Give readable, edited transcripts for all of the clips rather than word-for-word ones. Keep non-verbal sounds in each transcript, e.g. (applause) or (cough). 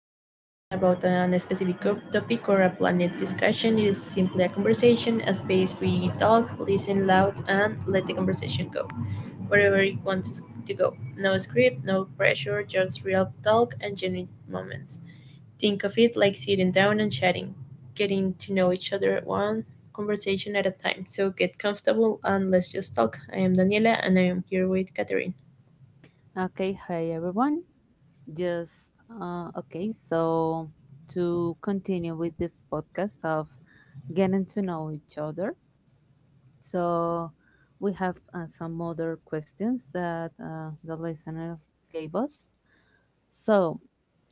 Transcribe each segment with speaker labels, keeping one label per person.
Speaker 1: podcast isn't about an specific group topic or a planet discussion. It is simply a conversation, a space we talk, listen loud, and let the conversation go wherever it wants to go. No script, no pressure, just real talk and genuine moments. Think of it like sitting down and chatting, getting to know each other one conversation at a time. So, get comfortable and let's just talk. I am Daniela and I am here with Catherine.
Speaker 2: Okay, hi everyone. Just okay, so to continue with this podcast of getting to know each other, so we have some other questions that the listeners gave us. So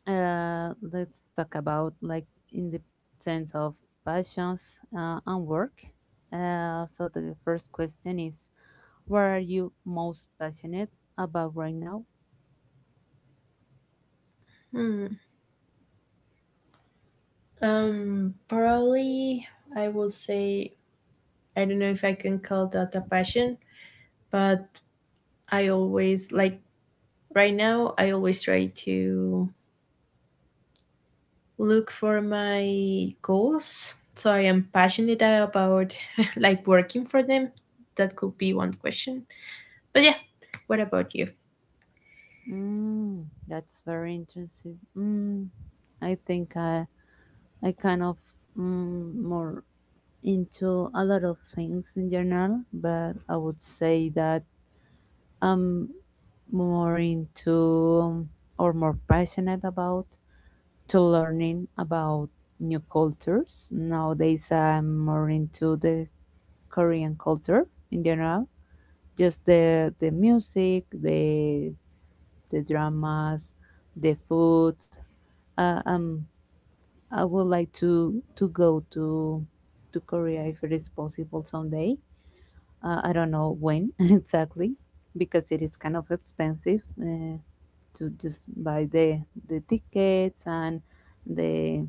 Speaker 2: let's talk about like in the sense of passions and work. So the first question is, what are you most passionate about right now?
Speaker 1: Probably I will say I don't know if I can call that a passion, but I always like right now I always try to look for my goals. So I am passionate about (laughs) like working for them. That could be one question. But yeah, what about you?
Speaker 2: Mm, that's very interesting. I think I kind of more into a lot of things in general, but I would say that I'm more into um, or more passionate about to learning about new cultures. Nowadays, I'm more into the Korean culture in general, just the music, the dramas, the food. Uh, um, I would like to go to Korea if it is possible someday. I don't know when (laughs) exactly, because it is kind of expensive to just buy the tickets and the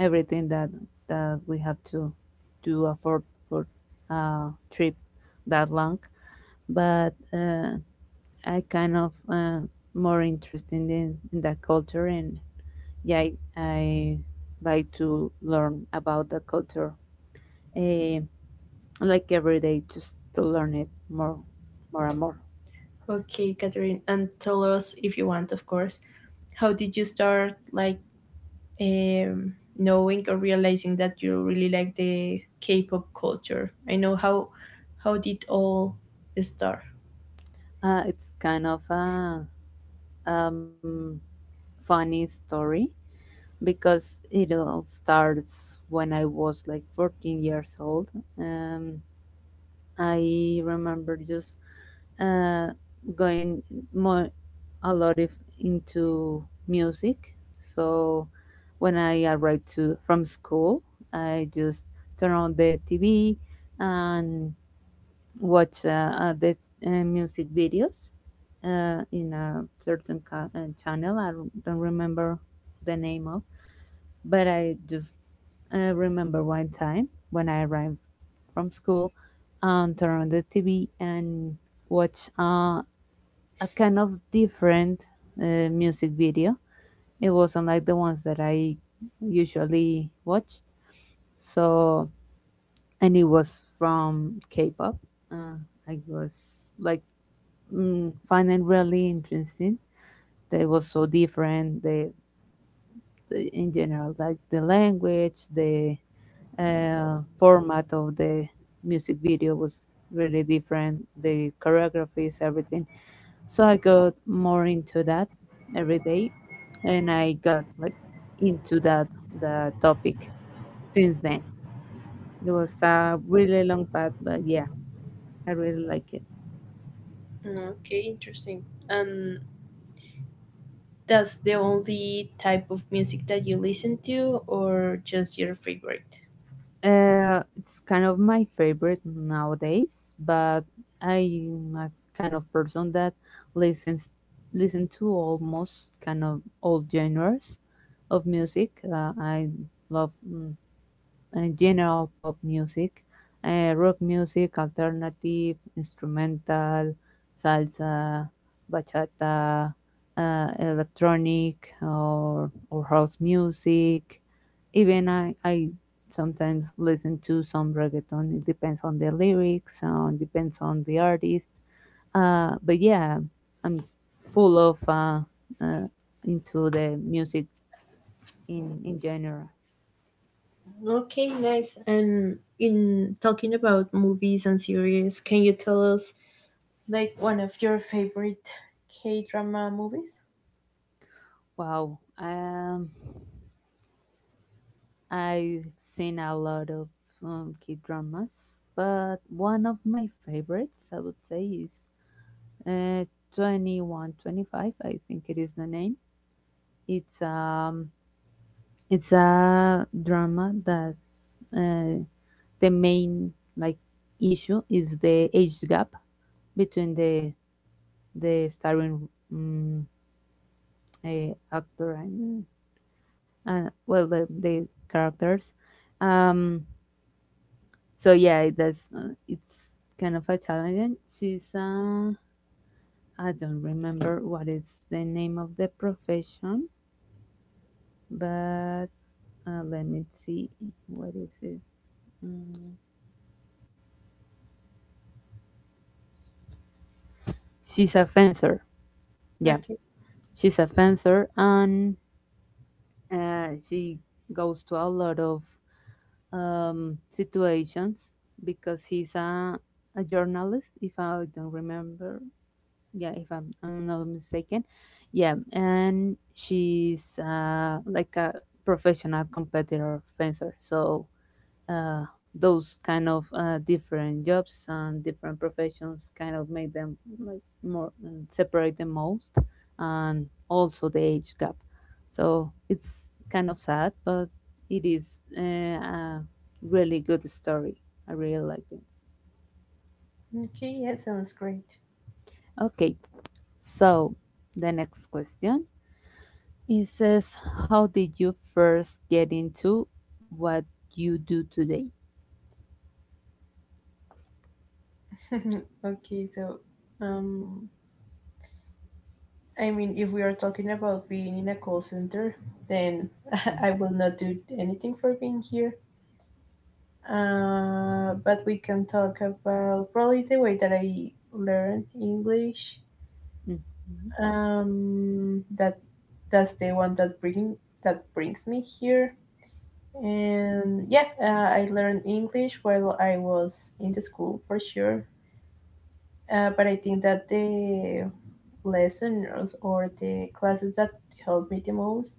Speaker 2: everything that we have to afford for a trip that long. But I kind of more interested in that culture, and yeah, I like to learn about the culture, uh, like every day, just to learn it more, more and more.
Speaker 1: Okay, Catherine, and tell us if you want, of course. How did you start like, um, knowing or realizing that you really like the K-pop culture? I know, how did all start.
Speaker 2: It's kind of a um, funny story because it all starts when I was like 14 years old. Um, I remember just uh, going more a lot of into music. So when I arrived to from school, I just turn on the TV and watch the music videos in a certain channel. I don't remember the name of, but I remember one time when I arrived from school and turned on the TV and watched a kind of different music video. It wasn't like the ones that I usually watched. So, and it was from K pop. Uh, I was like, finding really interesting. They was so different. In general, like the language, the format of the music video was really different, the choreographies, everything. So I got more into that every day, and I got like into that, the topic, since then. It was a really long path, but yeah, I really like it.
Speaker 1: Mm, okay, interesting. And that's the only type of music that you listen to, or just your favorite?
Speaker 2: It's kind of my favorite nowadays, but I'm a kind of person that listens listen to almost kind of all genres of music. I love general pop music, rock music, alternative, instrumental, salsa, bachata, electronic, or house music. Even I sometimes listen to some reggaeton. It depends on the lyrics, depends on the artist. But yeah, I'm full of uh, into the music in general.
Speaker 1: Okay, nice. And in talking about movies and series, can you tell us like one of your favorite K drama movies?
Speaker 2: Wow, I've seen a lot of K dramas, but one of my favorites, I would say, is uh, Twenty One Twenty Five. I think it is the name. It's um, it's a drama that's the main like issue is the age gap between the starring actor and well, the characters. um so yeah, it's kind of a challenge. She's I don't remember what is the name of the profession, but let me see what is it. Mm, she's a fencer, yeah.
Speaker 1: Okay.
Speaker 2: She's a fencer, and she goes to a lot of situations because he's a journalist, if I don't remember. Yeah, if I'm not mistaken. Yeah. And she's like a professional competitor fencer. So those kind of different jobs and different professions kind of make them like more separate the most, and also the age gap. So it's kind of sad, but it is a really good story. I really like it.
Speaker 1: Okay, yeah, sounds great.
Speaker 2: Okay, so the next question, it says, how did you first get into what you do today?
Speaker 1: (laughs) Okay, so um I mean, if we are talking about being in a call center, then (laughs)
Speaker 2: Mm.
Speaker 1: I will not do anything for being here. But we can talk about probably the way that I learned English. Um, that that's the one that bring that brings me here. And yeah, I learned English while I was in the school for sure. But I think that the lessons or the classes that helped me the most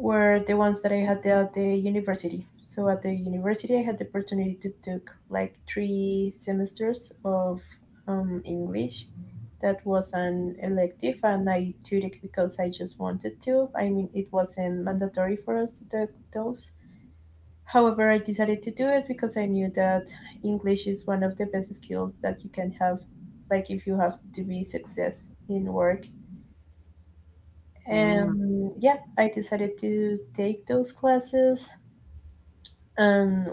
Speaker 1: were the ones that I had at the university. So at the university, I had the opportunity to take like 3 semesters of English. That was an elective, and I took it because I just wanted to. I mean, it wasn't mandatory for us to take those. However, I decided to do it because I knew that English is one of the best skills that you can have, like if you have to be success in work.
Speaker 2: Mhm. Mm.
Speaker 1: And yeah, I decided to take those classes and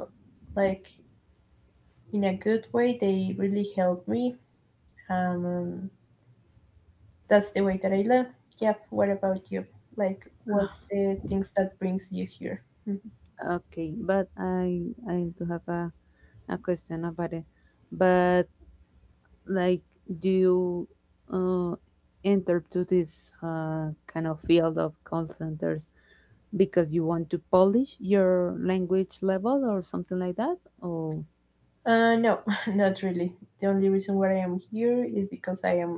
Speaker 1: like, in a good way, they really helped me. um that's the way that I learn. Yep. What about you? Like, what's the things that brings you here? Mhm.
Speaker 2: Okay, but I do have a question about it. But, like, do you uh, enter to this kind of field of call centers because you want to polish your language level or something like that, or...
Speaker 1: No, (laughs) not really. The only reason why I am here is because I am,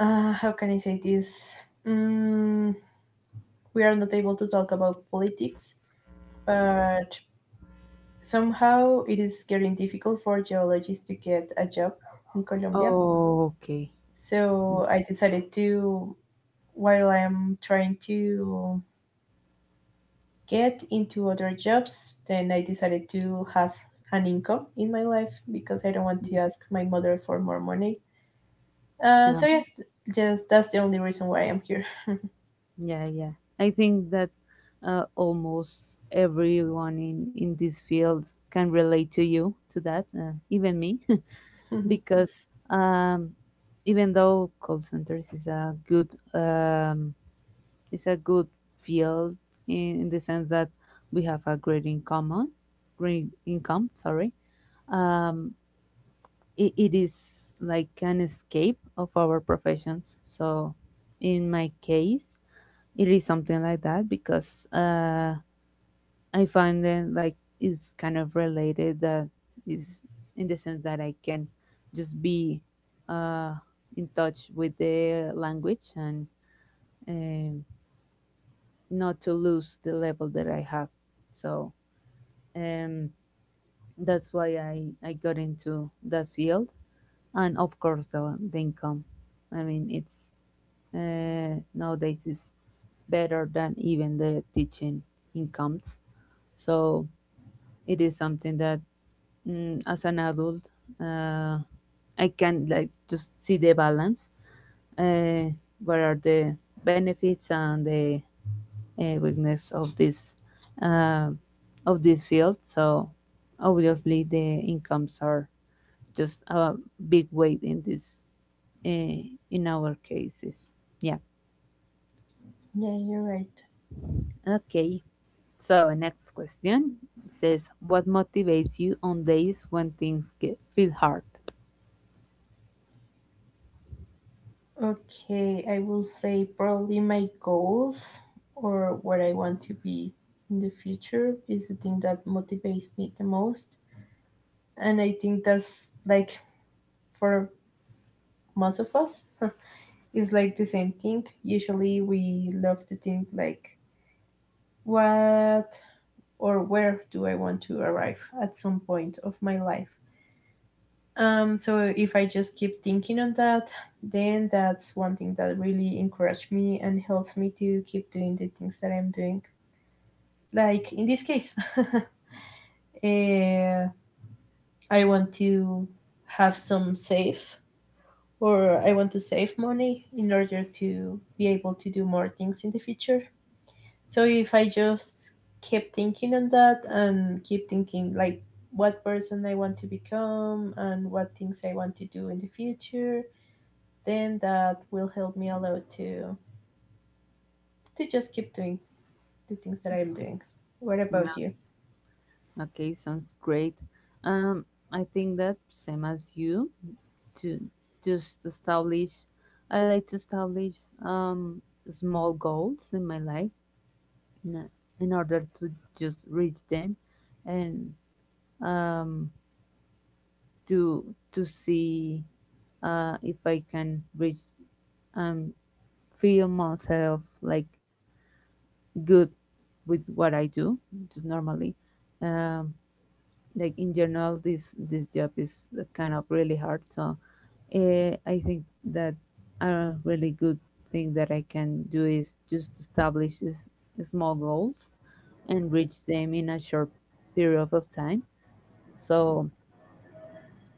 Speaker 1: how can I say this? Mm, we are not able to talk about politics, but somehow it is getting difficult for geologists to get a job in Colombia.
Speaker 2: Oh, okay.
Speaker 1: So I decided to, while I'm trying to get into other jobs, then I decided to have an income in my life because I don't want to
Speaker 2: Mhm.
Speaker 1: ask my mother for more money.
Speaker 2: Yeah,
Speaker 1: So yeah, just that's the only reason why I'm here.
Speaker 2: yeah, yeah, I think that almost everyone in this field can relate to you to that, even me. (laughs)
Speaker 1: (laughs)
Speaker 2: Because even though call centers is a good field in the sense that we have a great income, huh? Great income. Sorry, um, it is like an escape of our professions. So, in my case, it is something like that because I find that like it's kind of related that is in the sense that I can just be uh, in touch with the language and. um Not to lose the level that I have. So um, that's why I got into that field. And of course, the income. I mean, it's nowadays is better than even the teaching incomes. So it is something that, as an adult, uh, I can like just see the balance. Uh, what are the benefits and the weakness of this uh, of this field. So obviously the incomes are just a big weight uh, in our cases. Yeah.
Speaker 1: Yeah, you're right.
Speaker 2: Okay. So next question says, what motivates you on days when things get feel hard?
Speaker 1: Okay, I will say probably my goals or what I want to be in the future is the thing that motivates me the most. And I think that's like for most of us, (laughs) it's like the same thing. Usually we love to think like, what or where do I want to arrive at some point of my life? So if I just keep thinking on that, then that's one thing that really encouraged me and helps me to keep doing the things that I'm doing. Like in this case, (laughs) uh, I want to have some save, or I want to save money in order to be able to do more things in the future. So if I just keep thinking on that and keep thinking like what person I want to become and what things I want to do in the future, then that will help me a lot to just keep doing the things that I'm doing. What about you?
Speaker 2: Okay, sounds great. Um, I think that same as you, to just establish. I like to establish um small goals in my life, in, in order to just reach them, and um to see if I can reach, um feel myself like good with what I do just normally. Um, like in general, this job is kind of really hard, so I think that a really good thing that I can do is just establish small goals and reach them in a short period of time. So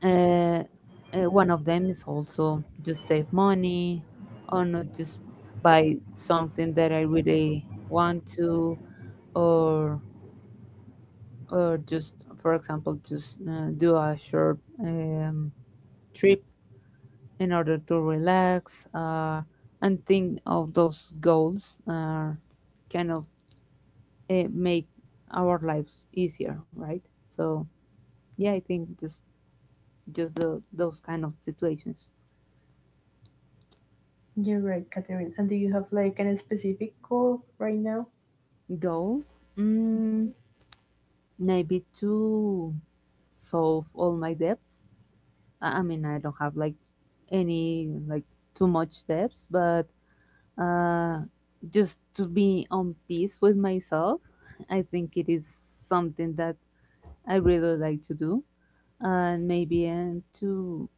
Speaker 2: uh, one of them is also just save money, or not just buy something that I really want to, or just for example just do a short trip in order to relax, and think of those goals, kind of make our lives easier, right? So yeah, I think just those kind of situations.
Speaker 1: You're right, Catherine. And do you have like an specific goal right now?
Speaker 2: Goals, mm, maybe to solve all my debts. I mean I don't have like any like too much debts, but uh just to be on peace with myself. (laughs) I think it is something that I really like to do, and maybe, and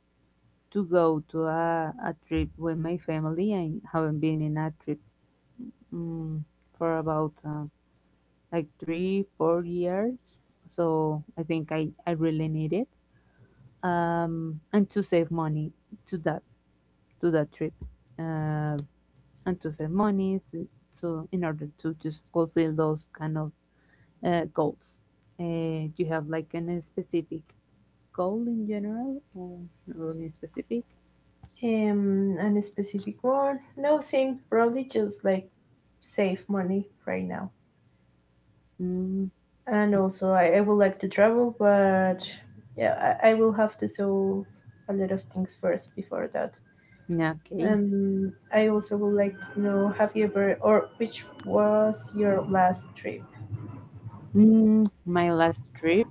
Speaker 2: to go to a trip with my family. I haven't been in a trip mm for about like 3 or 4 years, so I think I really need it. And to save money to that, to that trip, uh, and to save money, so in order to just fulfill those kind of goals. Do you have like any specific goal in general, or in specific?
Speaker 1: An specific one? No, same. Probably just like save money right now.
Speaker 2: Mm,
Speaker 1: And also, I would like to travel, but yeah, I will have to solve a lot of things first before that.
Speaker 2: yeah, okay.
Speaker 1: And I also would like to know, have you ever, or which was your last trip?
Speaker 2: My last trip,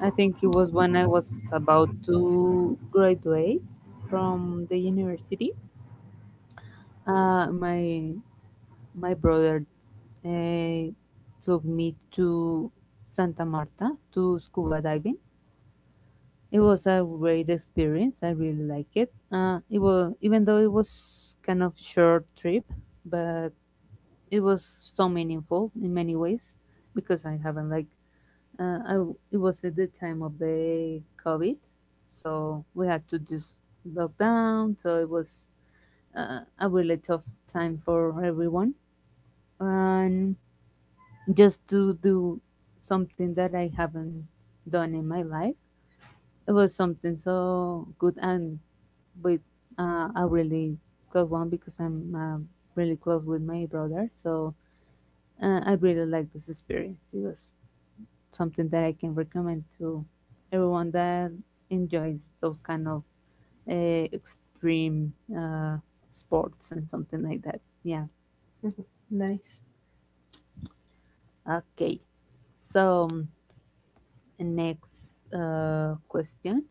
Speaker 2: I think it was when I was about to graduate from the university. Uh, my my brother uh, took me to Santa Marta to scuba diving. It was a great experience. I really like it. It was Even though it was kind of short trip, but it was so meaningful in many ways because I haven't like I w it was at the time of the COVID, so we had to just lock down. So it was a really tough time for everyone, and just to do something that I haven't done in my life, it was something so good, and with a really close one, because I'm really close with my brother. So I really like this experience. It was something that I can recommend to everyone that enjoys those kind of extreme sports and something like that. Yeah.
Speaker 1: Mhm. Nice.
Speaker 2: Okay. So next question.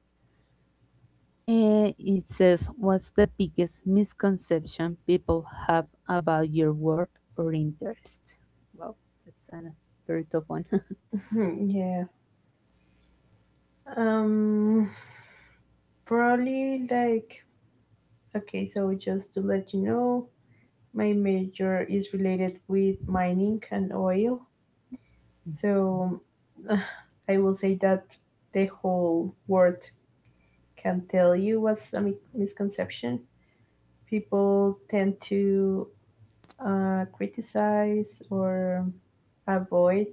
Speaker 2: It says, "What's the biggest misconception people have about your work or interest?" Well, that's a very tough one. (laughs)
Speaker 1: (laughs) Yeah. Um. Probably like, okay. So just to let you know, my major is related with mining and oil. So, uh, I will say that the whole world can tell you what's a misconception. People tend to, criticize or avoid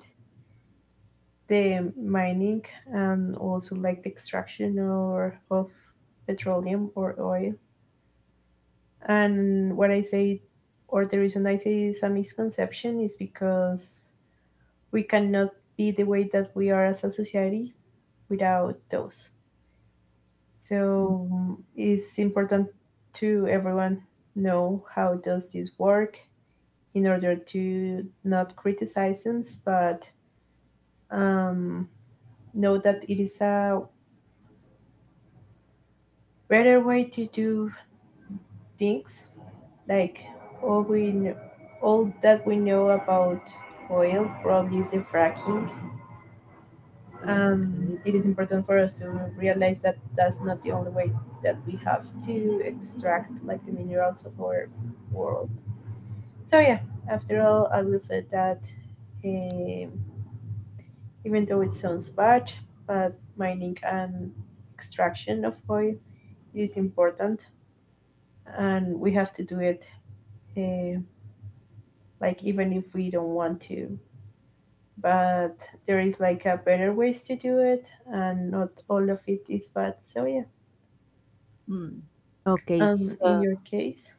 Speaker 1: the mining and also like the extraction or of petroleum or oil. And what I say, or the reason I say it's a misconception, is because we cannot be the way that we are as a society without those. So, it's important to everyone know how does this work in order to not criticize them, but um, know that it is a better way to do things. Like all we kn- all that we know about oil probably is the fracking, and
Speaker 2: Okay.
Speaker 1: it is important for us to realize that that's not the only way that we have to extract like the minerals of our world. So yeah, after all, I will say that, um, even though it sounds bad, but mining and extraction of oil is important, and we have to do it. Uh, like even if we don't want to, but there is like a better ways to do it, and not all of it is bad. So yeah,
Speaker 2: Mm. Okay.
Speaker 1: in
Speaker 2: So,
Speaker 1: your case,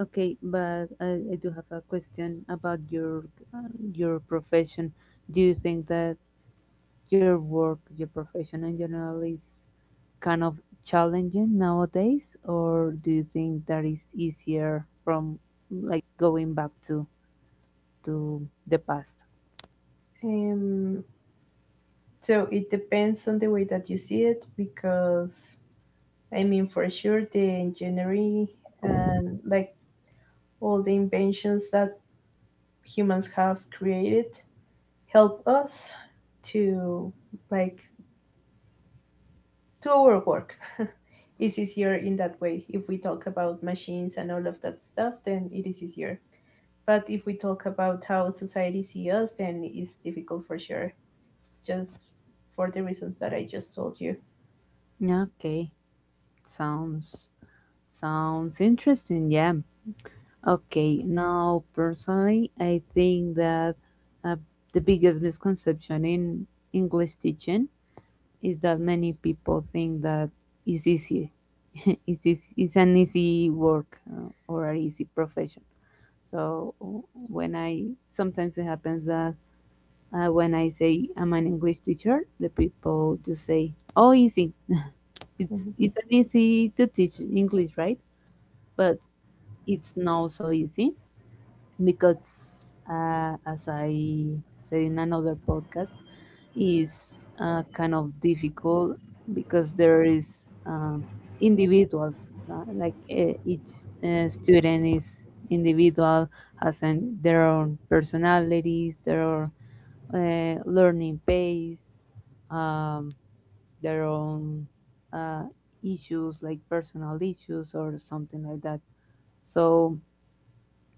Speaker 2: okay, but I do have a question about uh, your profession. Do you think that your work, your profession in general, is kind of challenging nowadays, or do you think that is easier from like going back to the past?
Speaker 1: um, so it depends on the way that you see it because I mean, for sure, the engineering and like all the inventions that humans have created help us to, like, to our work. (laughs) It's easier in that way. If we talk about machines and all of that stuff, then it is easier. But if we talk about how society see us, then it's difficult for sure. Just for the reasons that I just told you.
Speaker 2: Okay, sounds sounds interesting. Yeah. Okay, now personally, I think that uh, the biggest misconception in English teaching is that many people think that it's easy. (laughs) It's an easy work, or an easy profession. So when I sometimes it happens that when I say I'm an English teacher, the people just say, "Oh, easy. It's
Speaker 1: Mhm.
Speaker 2: it's an easy to teach English, right? But it's not so easy because, as I said in another podcast, is kind of difficult because there is um, individuals each student is individual has an, their own personalities their own, learning pace um, their own uh, issues like personal issues or something like that. So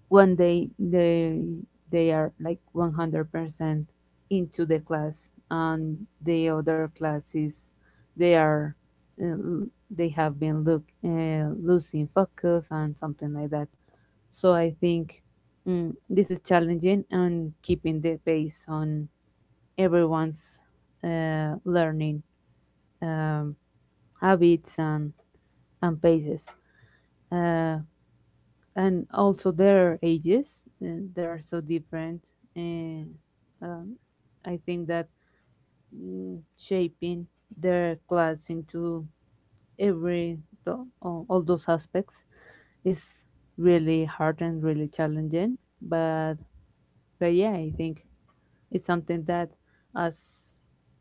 Speaker 2: when they they are like 100% into the class and the other classes they are they have been look losing focus and something like that. So I think this is challenging and keeping the pace on everyone's learning um, habits and paces. Uh, and also their ages, they are so different. And um, I think that shaping their class into every all those aspects is really hard and really challenging. But yeah, I think it's something that as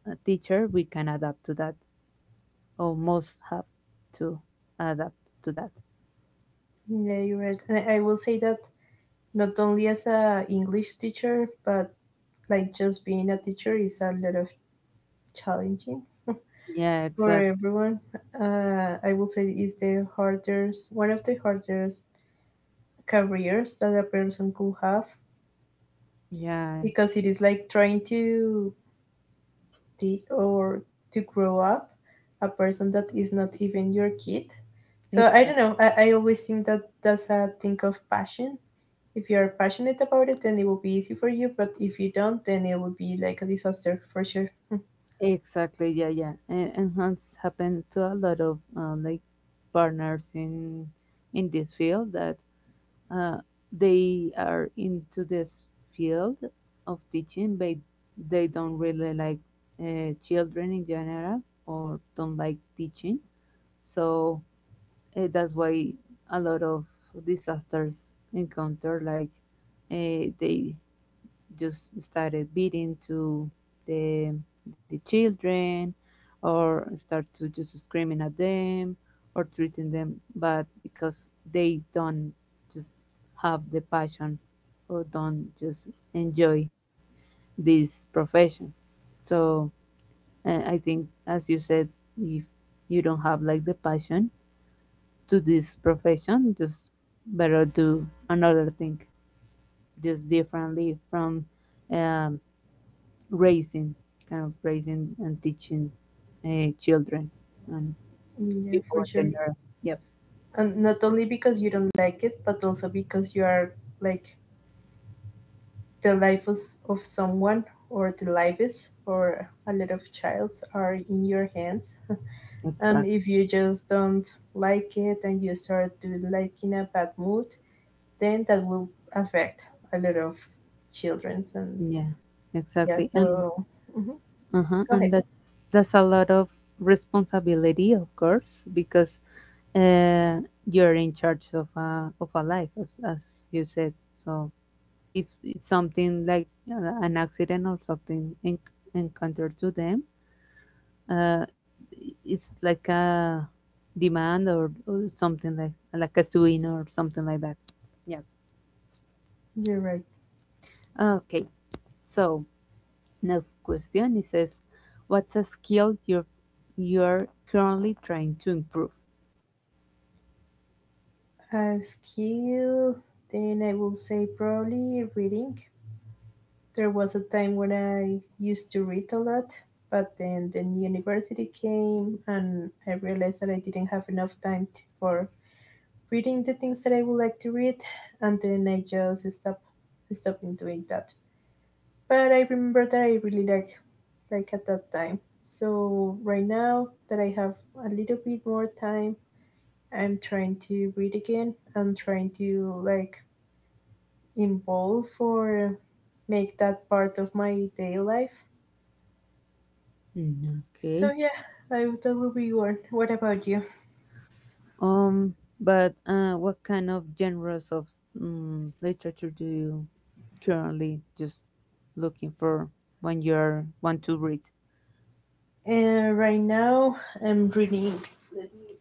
Speaker 2: a teacher we can adapt to that, or most have to adapt to that.
Speaker 1: Yeah, you're right. And I will say that not only as a English teacher, but like just being a teacher is a lot of challenging
Speaker 2: Yeah,
Speaker 1: for
Speaker 2: exactly.
Speaker 1: everyone. I will say is the hardest, one of the hardest careers that a person could have
Speaker 2: Yeah,
Speaker 1: because it is like trying to the or to grow up a person that is not even your kid. So I don't
Speaker 2: exactly.
Speaker 1: know. I always think that that's a thing of passion. If you're passionate about it, then it will be easy for you. But if you don't, then it will be like a disaster for sure.
Speaker 2: Exactly, yeah, yeah. And has happened to a lot of like partners in this field that uh, they are into this field of teaching, but they don't really like children in general or don't like teaching. So that's why a lot of disasters encounter like they just started beating to the the children or start to just screaming at them or treating them bad because they don't just have the passion or don't just enjoy this profession. So I think, as you said, if you don't have like the passion to this profession, just better do another thing, just differently from um, raising, kind of raising and teaching children and
Speaker 1: (laughs) Yeah,
Speaker 2: people
Speaker 1: for sure.
Speaker 2: in general. Yep,
Speaker 1: And not only because you don't like it but also because you are like the life of someone, or the lives, or a lot of childs are in your hands. And
Speaker 2: exactly.
Speaker 1: if you just don't like it and you start to like in a bad mood, then that will affect a lot of children's. And
Speaker 2: Yeah,
Speaker 1: yeah,
Speaker 2: exactly. And
Speaker 1: so, mhm,
Speaker 2: uh huh.
Speaker 1: go ahead.
Speaker 2: And that's a lot of responsibility, of course, because uh, you're in charge of a life, as you said. So if it's something like an accident or something encountered to them, uh, it's like a demand, or something like a swing or something like that. Yeah.
Speaker 1: You're right.
Speaker 2: Okay. So next question, it says, what's a skill you're currently trying to improve?
Speaker 1: A skill? Then I will say probably reading. There was a time when I used to read a lot, but then the university came and I realized that I didn't have enough time to, for reading the things that I would like to read, and then I just stopped stopping doing that. But I remember that I really like at that time. So right now that I have a little bit more time, I'm trying to read again. I'm trying to like involve or make that part of my day life.
Speaker 2: Mm,
Speaker 1: So
Speaker 2: okay.
Speaker 1: yeah, that will be one. What about you?
Speaker 2: But what kind of genres of literature do you currently just looking for when you're want to read?
Speaker 1: Right now, I'm reading. Let me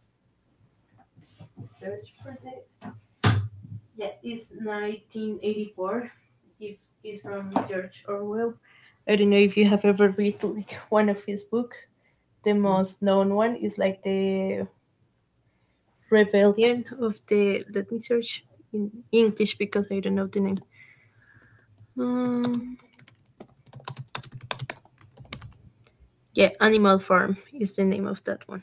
Speaker 1: search for the. Yeah, it's 1984. It is from George Orwell. I don't know if you have ever read like one of his book. The
Speaker 2: Mm.
Speaker 1: most known one is like the Rebellion of the. Let me search in English because I don't know the name. Mm, yeah, Animal Farm is the name of that one.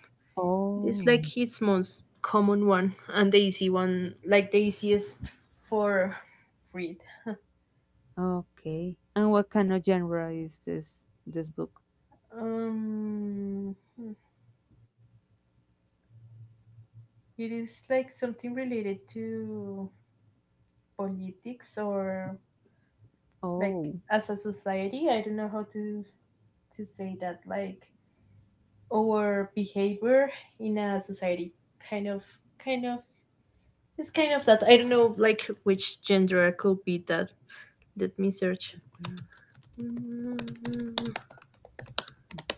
Speaker 1: It's like
Speaker 2: Oh.
Speaker 1: it's most common one and the easy one, like the easiest for read.
Speaker 2: Okay. And what kind of genre is this book?
Speaker 1: Hmm. It is like something related to politics, or like
Speaker 2: Oh.
Speaker 1: as a society. I don't know how to say that. Like our behavior in a society, kind of, kind of. It's kind of that. I don't know, like which gender could be that. Let me search.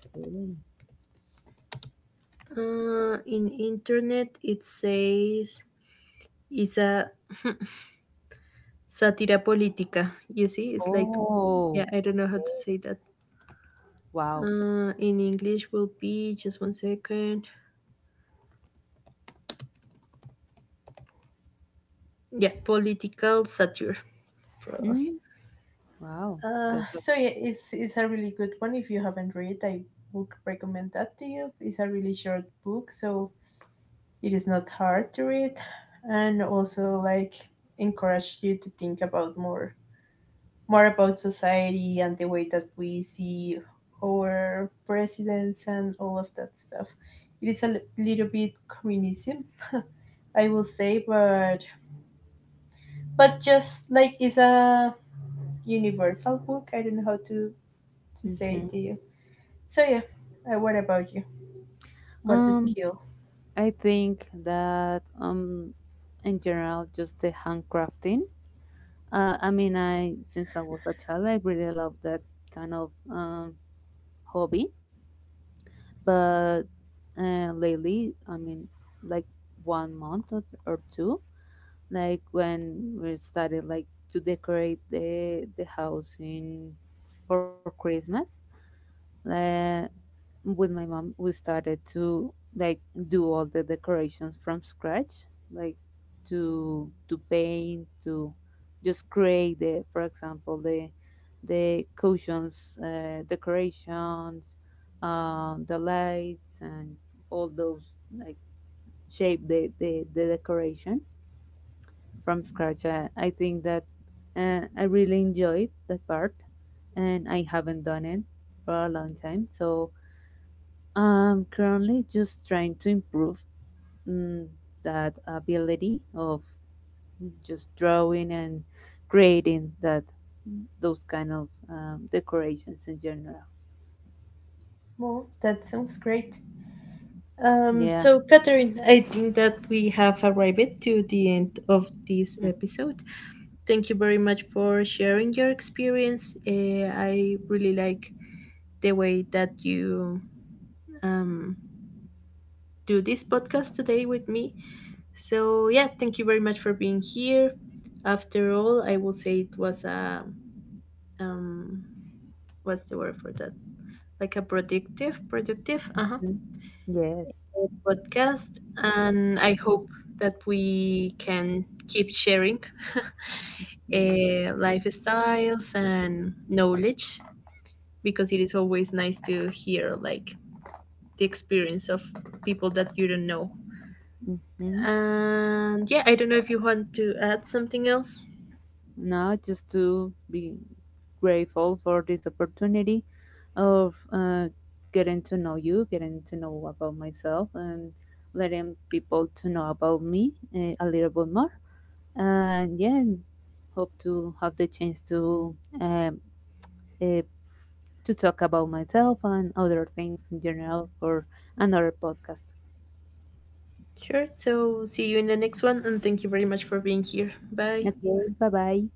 Speaker 2: Okay.
Speaker 1: In internet, it says it's a (laughs) satira política. You see, it's like, yeah,
Speaker 2: Oh.
Speaker 1: I don't know how to
Speaker 2: Okay.
Speaker 1: say that.
Speaker 2: Wow.
Speaker 1: In English will be just one second. Yeah, political satire. Probably.
Speaker 2: Mm, wow. That's a,
Speaker 1: So yeah, it's a really good one. If you haven't read, I would recommend that to you. It's a really short book, so it is not hard to read, and also like encourage you to think about more about society and the way that we see our presidents and all of that stuff. It is a little bit communism, (laughs) I will say, but just like it's a universal book. I don't know how to say it
Speaker 2: mhm.
Speaker 1: to you. So yeah, what about you? What is
Speaker 2: Um
Speaker 1: skill?
Speaker 2: I think that in general just the handcrafting. I mean, I since I was a child I really love that kind of hobby. But lately, I mean, like 1 month or two, like when we started like to decorate the house in for Christmas. Uh, with my mom, we started to like do all the decorations from scratch, like to paint, to just create the, for example, the cushions, decorations, the lights, and all those like shape the decoration from scratch. I think that I really enjoyed that part, and I haven't done it for a long time. So I'm currently just trying to improve mm, that ability of just drawing and creating that those kind of decorations in general.
Speaker 1: Well, that sounds great.
Speaker 2: Yeah.
Speaker 1: So Catherine, I think that we have arrived to the end of this episode. Thank you very much for sharing your experience. I really like the way that you, um, do this podcast today with me. So, yeah, thank you very much for being here. After all, I will say it was a, um, what's the word for that? Like a productive, productive, uh-huh,
Speaker 2: Mhm. Yes.
Speaker 1: podcast. And I hope that we can keep sharing (laughs)
Speaker 2: Yes.
Speaker 1: lifestyles and knowledge because it is always nice to hear like the experience of people that you don't know.
Speaker 2: Hmm.
Speaker 1: And yeah, I don't know if you want to add something else.
Speaker 2: Now, just to be grateful for this opportunity of getting to know you, getting to know about myself, and letting people to know about me a little bit more. And yeah, hope to have the chance uh, to talk about myself and other things in general for another podcast.
Speaker 1: Sure. So see you in the next one and thank you very much for being here. Bye.
Speaker 2: Okay, bye bye.